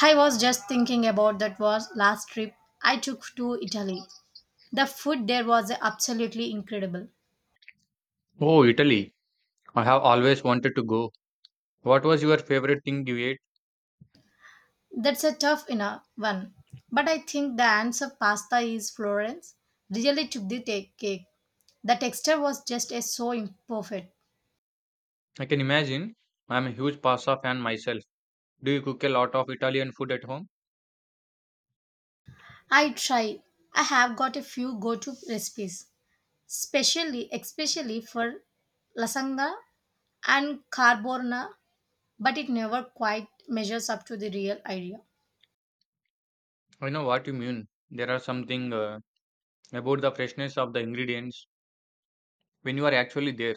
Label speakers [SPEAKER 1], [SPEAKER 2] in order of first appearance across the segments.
[SPEAKER 1] I was just thinking about that was last trip I took to Italy. The food there was absolutely incredible.
[SPEAKER 2] Oh, Italy. I have always wanted to go. What was your favorite thing you ate?
[SPEAKER 1] That's a tough enough one. But I think the answer pasta is Florence. Really took the cake. The texture was just a so imperfect.
[SPEAKER 2] I can imagine. I'm a huge pasta fan myself. Do you cook a lot of Italian food at home?
[SPEAKER 1] I try. I have got a few go-to recipes, especially for lasagna and carbonara, but it never quite measures up to the real idea.
[SPEAKER 2] I know what you mean. There are something about the freshness of the ingredients when you are actually there.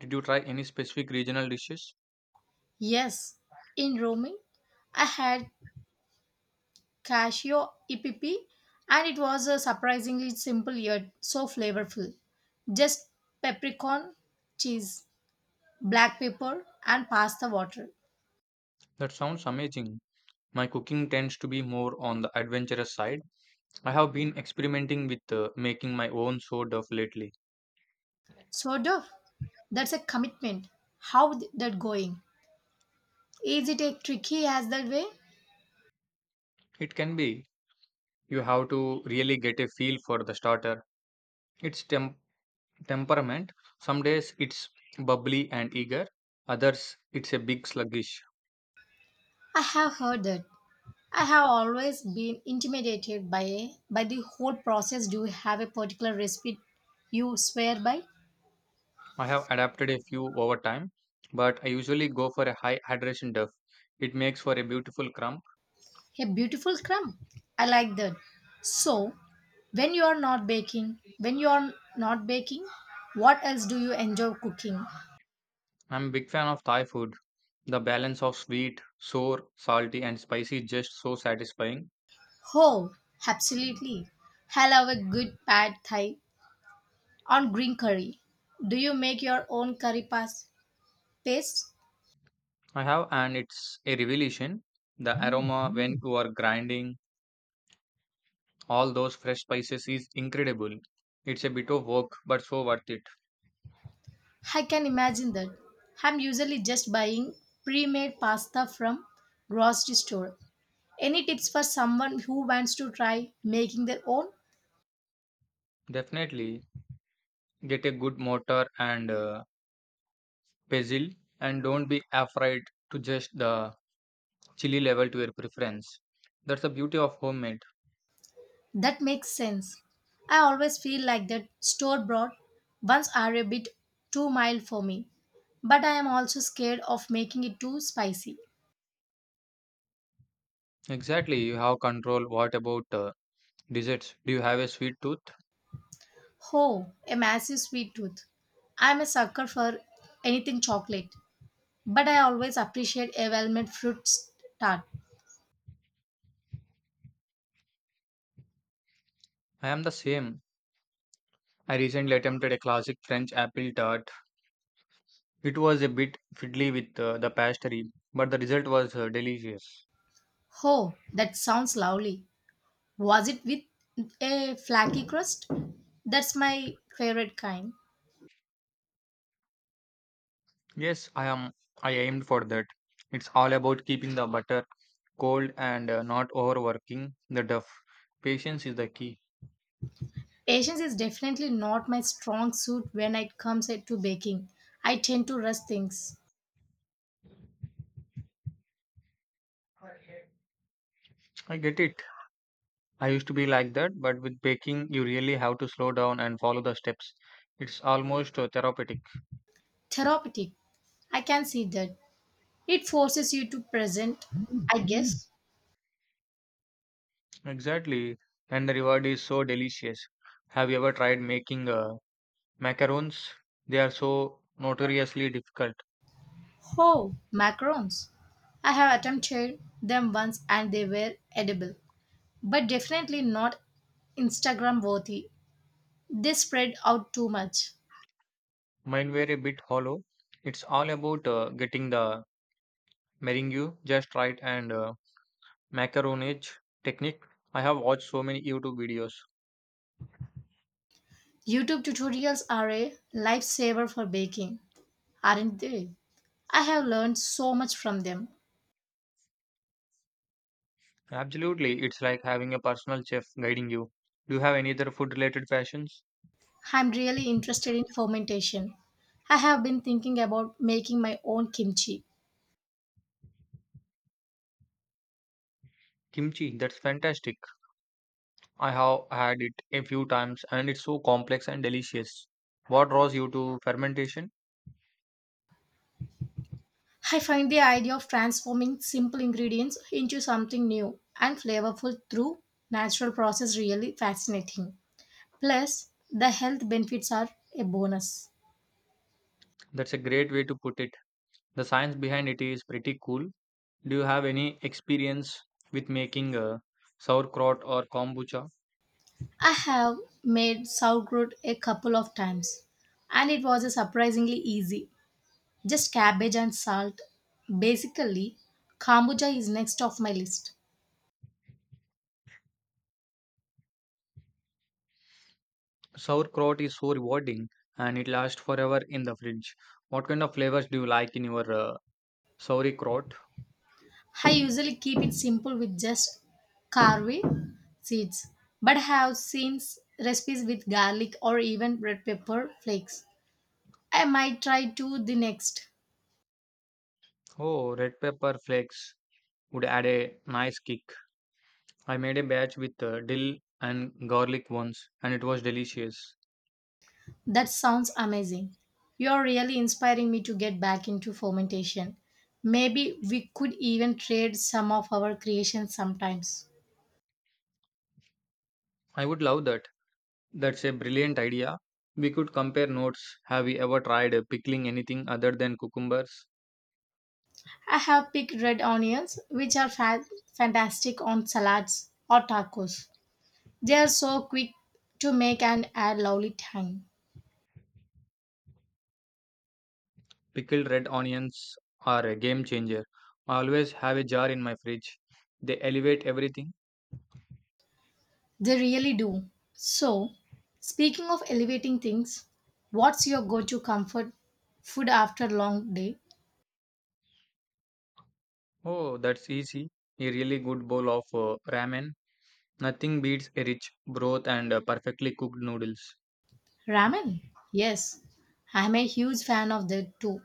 [SPEAKER 2] Did you try any specific regional dishes?
[SPEAKER 1] Yes, in roaming, I had Casio EPP, and it was a surprisingly simple yet so flavorful. Just peppercorn, cheese, black pepper, and pasta water.
[SPEAKER 2] That sounds amazing. My cooking tends to be more on the adventurous side. I have been experimenting with making my own sort of lately.
[SPEAKER 1] So, Duff, that's a commitment. How th- that going? Is it as tricky as that way?
[SPEAKER 2] It can be. You have to really get a feel for the starter. It's Temperament. Some days it's bubbly and eager, others it's a big sluggish.
[SPEAKER 1] I have heard that. I have always been intimidated by the whole process. Do you have a particular recipe you swear by?
[SPEAKER 2] I have adapted a few over time, but I usually go for a high hydration duff. It makes for a beautiful crumb.
[SPEAKER 1] A beautiful crumb. I like that. So, when you are not baking, when you are not baking, what else do you enjoy cooking?
[SPEAKER 2] I'm a big fan of Thai food. The balance of sweet, sour, salty, and spicy is just so satisfying.
[SPEAKER 1] Oh, absolutely. I love a good pad thai on green curry. Do you make your own paste?
[SPEAKER 2] I have, and it's a revelation. The aroma when you are grinding all those fresh spices is incredible. It's a bit of work, but so worth it.
[SPEAKER 1] I can imagine that. I'm usually just buying pre-made pasta from grocery store. Any tips for someone who wants to try making their own?
[SPEAKER 2] Definitely, get a good mortar and pestle, and don't be afraid to adjust the chili level to your preference. That's the beauty of homemade.
[SPEAKER 1] That makes sense. I always feel like that store bought ones are a bit too mild for me, but I am also scared of making it too spicy.
[SPEAKER 2] Exactly, you have control. What about desserts? Do you have a sweet tooth?
[SPEAKER 1] Oh, a massive sweet tooth. I am a sucker for anything chocolate, but I always appreciate a well made tart.
[SPEAKER 2] I am the same. I recently attempted a classic French apple tart. It was a bit fiddly with the pastry, but the result was delicious.
[SPEAKER 1] Oh, that sounds lovely. Was it with a flaky crust? That's my favorite kind.
[SPEAKER 2] Yes, I am. I aimed for that. It's all about keeping the butter cold and not overworking the duff. Patience is the key.
[SPEAKER 1] Patience is definitely not my strong suit when it comes to baking. I tend to rush things.
[SPEAKER 2] I get it. I used to be like that, but with baking, you really have to slow down and follow the steps. It's almost therapeutic.
[SPEAKER 1] Therapeutic, I can see that. It forces you to present, I guess.
[SPEAKER 2] Exactly. And the reward is so delicious. Have you ever tried making macarons? They are so notoriously difficult.
[SPEAKER 1] Oh, macarons. I have attempted them once and they were edible, but definitely not Instagram worthy. They spread out too much.
[SPEAKER 2] Mine were a bit hollow. It's all about getting the meringue just right and macaronage technique. I have watched so many YouTube videos.
[SPEAKER 1] YouTube tutorials are a lifesaver for baking, aren't they? I have learned so much from them.
[SPEAKER 2] Absolutely, it's like having a personal chef guiding you. Do you have any other food related passions?
[SPEAKER 1] I'm really interested in fermentation. I have been thinking about making my own kimchi.
[SPEAKER 2] Kimchi, that's fantastic. I have had it a few times and it's so complex and delicious. What draws you to fermentation?
[SPEAKER 1] I find the idea of transforming simple ingredients into something new and flavorful through natural process really fascinating. Plus, the health benefits are a bonus.
[SPEAKER 2] That's a great way to put it. The science behind it is pretty cool. Do you have any experience with making sauerkraut or kombucha?
[SPEAKER 1] I have made sauerkraut a couple of times and it was surprisingly easy. Just cabbage and salt. Basically, kombucha is next off my list.
[SPEAKER 2] Sauerkraut is so rewarding and it lasts forever in the fridge. What kind of flavors do you like in your sauerkraut?
[SPEAKER 1] I usually keep it simple with just carve seeds, but have seen recipes with garlic or even red pepper flakes. I might try to the next.
[SPEAKER 2] Oh, red pepper flakes would add a nice kick. I made a batch with dill and garlic once, and it was delicious.
[SPEAKER 1] That sounds amazing. You're really inspiring me to get back into fermentation. Maybe we could even trade some of our creations sometimes.
[SPEAKER 2] I would love that. That's a brilliant idea. We could compare notes. Have we ever tried pickling anything other than cucumbers?
[SPEAKER 1] I have picked red onions, which are fantastic on salads or tacos. They are so quick to make and add lovely tang.
[SPEAKER 2] Pickled red onions are a game changer. I always have a jar in my fridge. They elevate everything.
[SPEAKER 1] They really do. So, speaking of elevating things, what's your go to comfort food after a long day?
[SPEAKER 2] Oh, that's easy. A really good bowl of ramen. Nothing beats a rich broth and perfectly cooked noodles.
[SPEAKER 1] Ramen. Yes, I'm a huge fan of that too.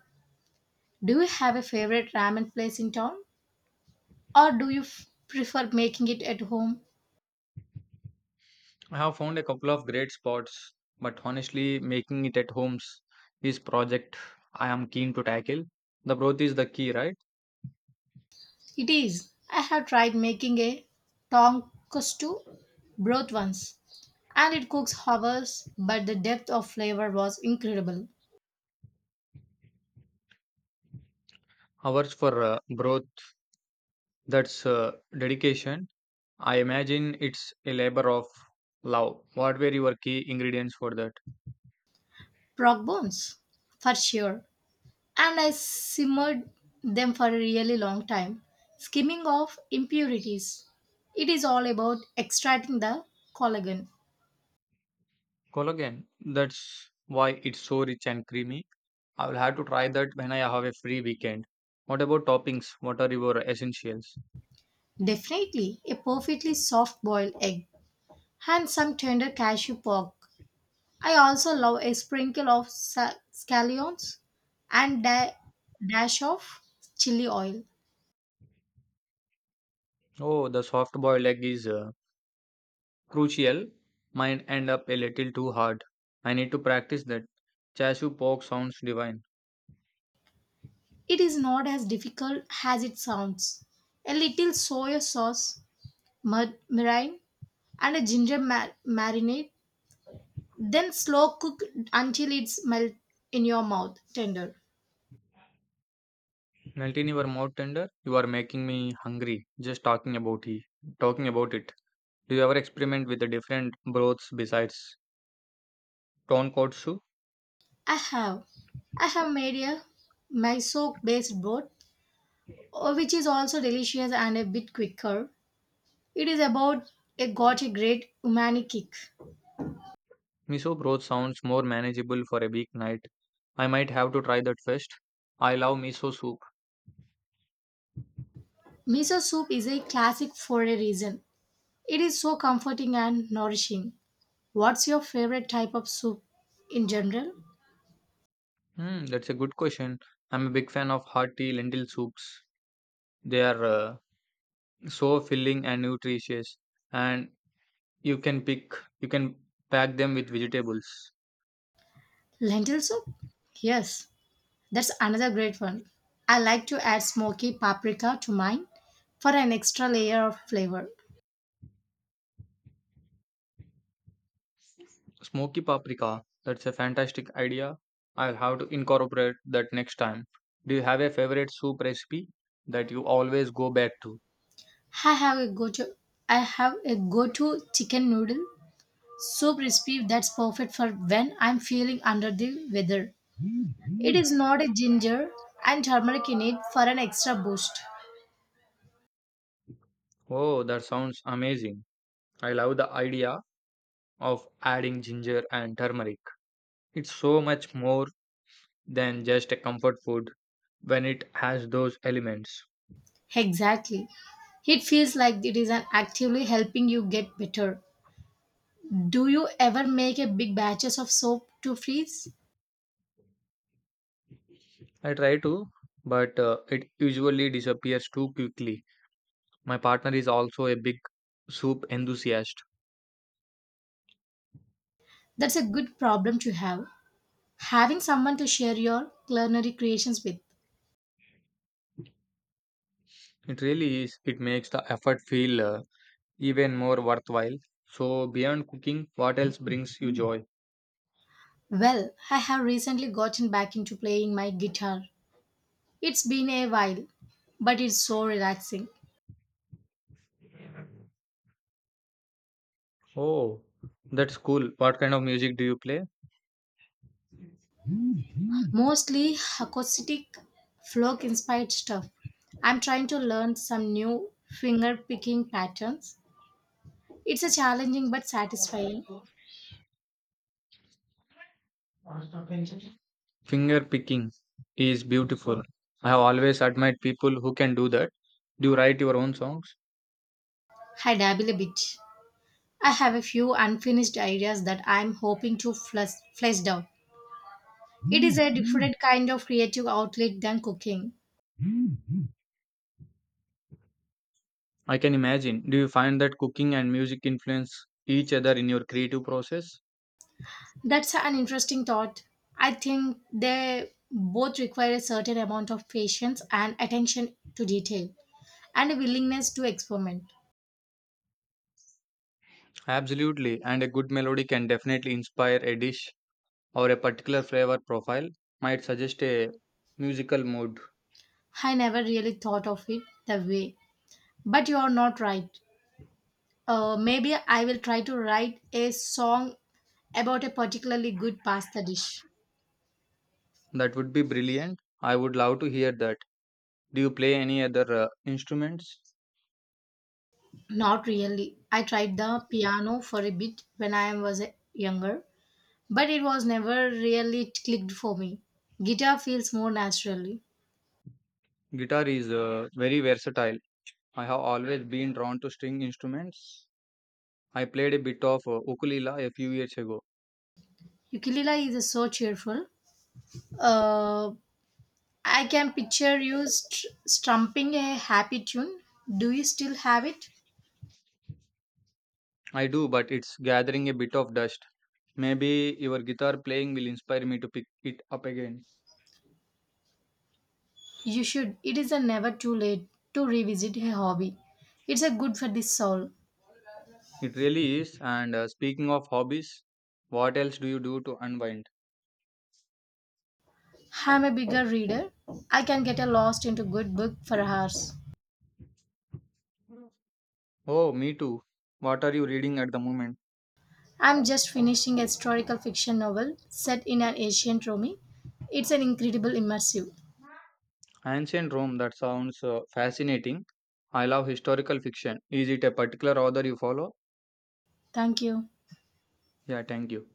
[SPEAKER 1] Do you have a favorite ramen place in town? Or do you prefer making it at home?
[SPEAKER 2] I have found a couple of great spots, but honestly, making it at homes is project I am keen to tackle. The broth is the key, right?
[SPEAKER 1] It is. I have tried making a tonkotsu broth once, and it cooks hours, but the depth of flavor was incredible.
[SPEAKER 2] Hours for broth, that's dedication. I imagine it's a labor of love. What were your key ingredients for that?
[SPEAKER 1] Prog bones, for sure. And I simmered them for a really long time, skimming off impurities. It is all about extracting the collagen.
[SPEAKER 2] Collagen, that's why it's so rich and creamy. I will have to try that when I have a free weekend. What about toppings? What are your essentials?
[SPEAKER 1] Definitely a perfectly soft boiled egg and some tender cashew pork. I also love a sprinkle of scallions and a dash of chili oil.
[SPEAKER 2] Oh, the soft boiled egg is crucial. Might end up a little too hard. I need to practice that. Chashu pork sounds divine.
[SPEAKER 1] It is not as difficult as it sounds. A little soy sauce, mud meringue, and a marinade. Then slow cook until it's melt in your mouth tender.
[SPEAKER 2] Melt in your mouth tender. You are making me hungry. Just talking about it. Do you ever experiment with the different broths besides tonkotsu?
[SPEAKER 1] I have I have made a miso based broth, which is also delicious and a bit quicker. It is about it got a great umami kick.
[SPEAKER 2] Miso broth sounds more manageable for a big night. I might have to try that first. I love miso soup.
[SPEAKER 1] Miso soup is a classic for a reason. It is so comforting and nourishing. What's your favorite type of soup in general?
[SPEAKER 2] Hmm, that's a good question. I'm a big fan of hearty lentil soups. They are so filling and nutritious, and You can pick, you can pack them with vegetables.
[SPEAKER 1] Lentil soup? Yes. That's another great one. I like to add smoky paprika to mine for an extra layer of flavor.
[SPEAKER 2] Smoky paprika, that's a fantastic idea. I'll have to incorporate that next time. Do you have a favorite soup recipe that you always go back to?
[SPEAKER 1] I have a go-to I have a go-to chicken noodle soup recipe that's perfect for when I'm feeling under the weather. It is not a ginger and turmeric in it for an extra boost.
[SPEAKER 2] Oh, that sounds amazing. I love the idea of adding ginger and turmeric. It's so much more than just a comfort food when it has those elements.
[SPEAKER 1] Exactly. It feels like it is an actively helping you get better. Do you ever make a big batches of soap to freeze?
[SPEAKER 2] I try to, but it usually disappears too quickly. My partner is also a big soup enthusiast.
[SPEAKER 1] That's a good problem to have. Having someone to share your culinary creations with.
[SPEAKER 2] It really is. It makes the effort feel even more worthwhile. So, beyond cooking, what else brings you joy?
[SPEAKER 1] Well, I have recently gotten back into playing my guitar. It's been a while, but it's so relaxing.
[SPEAKER 2] Oh, that's cool. What kind of music do you play?
[SPEAKER 1] Mostly acoustic, folk inspired stuff. I'm trying to learn some new finger picking patterns. It's a challenging but satisfying.
[SPEAKER 2] Finger picking is beautiful. I have always admired people who can do that. Do you write your own songs?
[SPEAKER 1] I dabble a bit. I have a few unfinished ideas that I'm hoping to flesh out. It is a different kind of creative outlet than cooking.
[SPEAKER 2] I can imagine. Do you find that cooking and music influence each other in your creative process?
[SPEAKER 1] That's an interesting thought. I think they both require a certain amount of patience and attention to detail and a willingness to experiment.
[SPEAKER 2] Absolutely. And a good melody can definitely inspire a dish or a particular flavor profile, might suggest a musical mood.
[SPEAKER 1] I never really thought of it that way. But you are not right. Maybe I will try to write a song about a particularly good pasta dish.
[SPEAKER 2] That would be brilliant. I would love to hear that. Do you play any other instruments?
[SPEAKER 1] Not really. I tried the piano for a bit when I was younger, but it was never really clicked for me. Guitar feels more naturally.
[SPEAKER 2] Guitar is very versatile. I have always been drawn to string instruments. I played a bit of ukulele a few years ago.
[SPEAKER 1] Ukulele is so cheerful. Uh, I can picture you strumping a happy tune. Do you still have it?
[SPEAKER 2] I do, but it's gathering a bit of dust. Maybe your guitar playing will inspire me to pick it up again.
[SPEAKER 1] You should. It is a never too late to revisit a hobby. It's a good for the soul.
[SPEAKER 2] It really is. And speaking of hobbies, what else do you do to unwind?
[SPEAKER 1] I'm a bigger reader. I can get a lost into good book for hours.
[SPEAKER 2] Oh, me too. What are you reading at the moment?
[SPEAKER 1] I'm just finishing a historical fiction novel set in an ancient Rome. It's an incredible immersive.
[SPEAKER 2] Ancient Rome, that sounds fascinating. I love historical fiction. Is it a particular author you follow?
[SPEAKER 1] Thank you.
[SPEAKER 2] Yeah, thank you.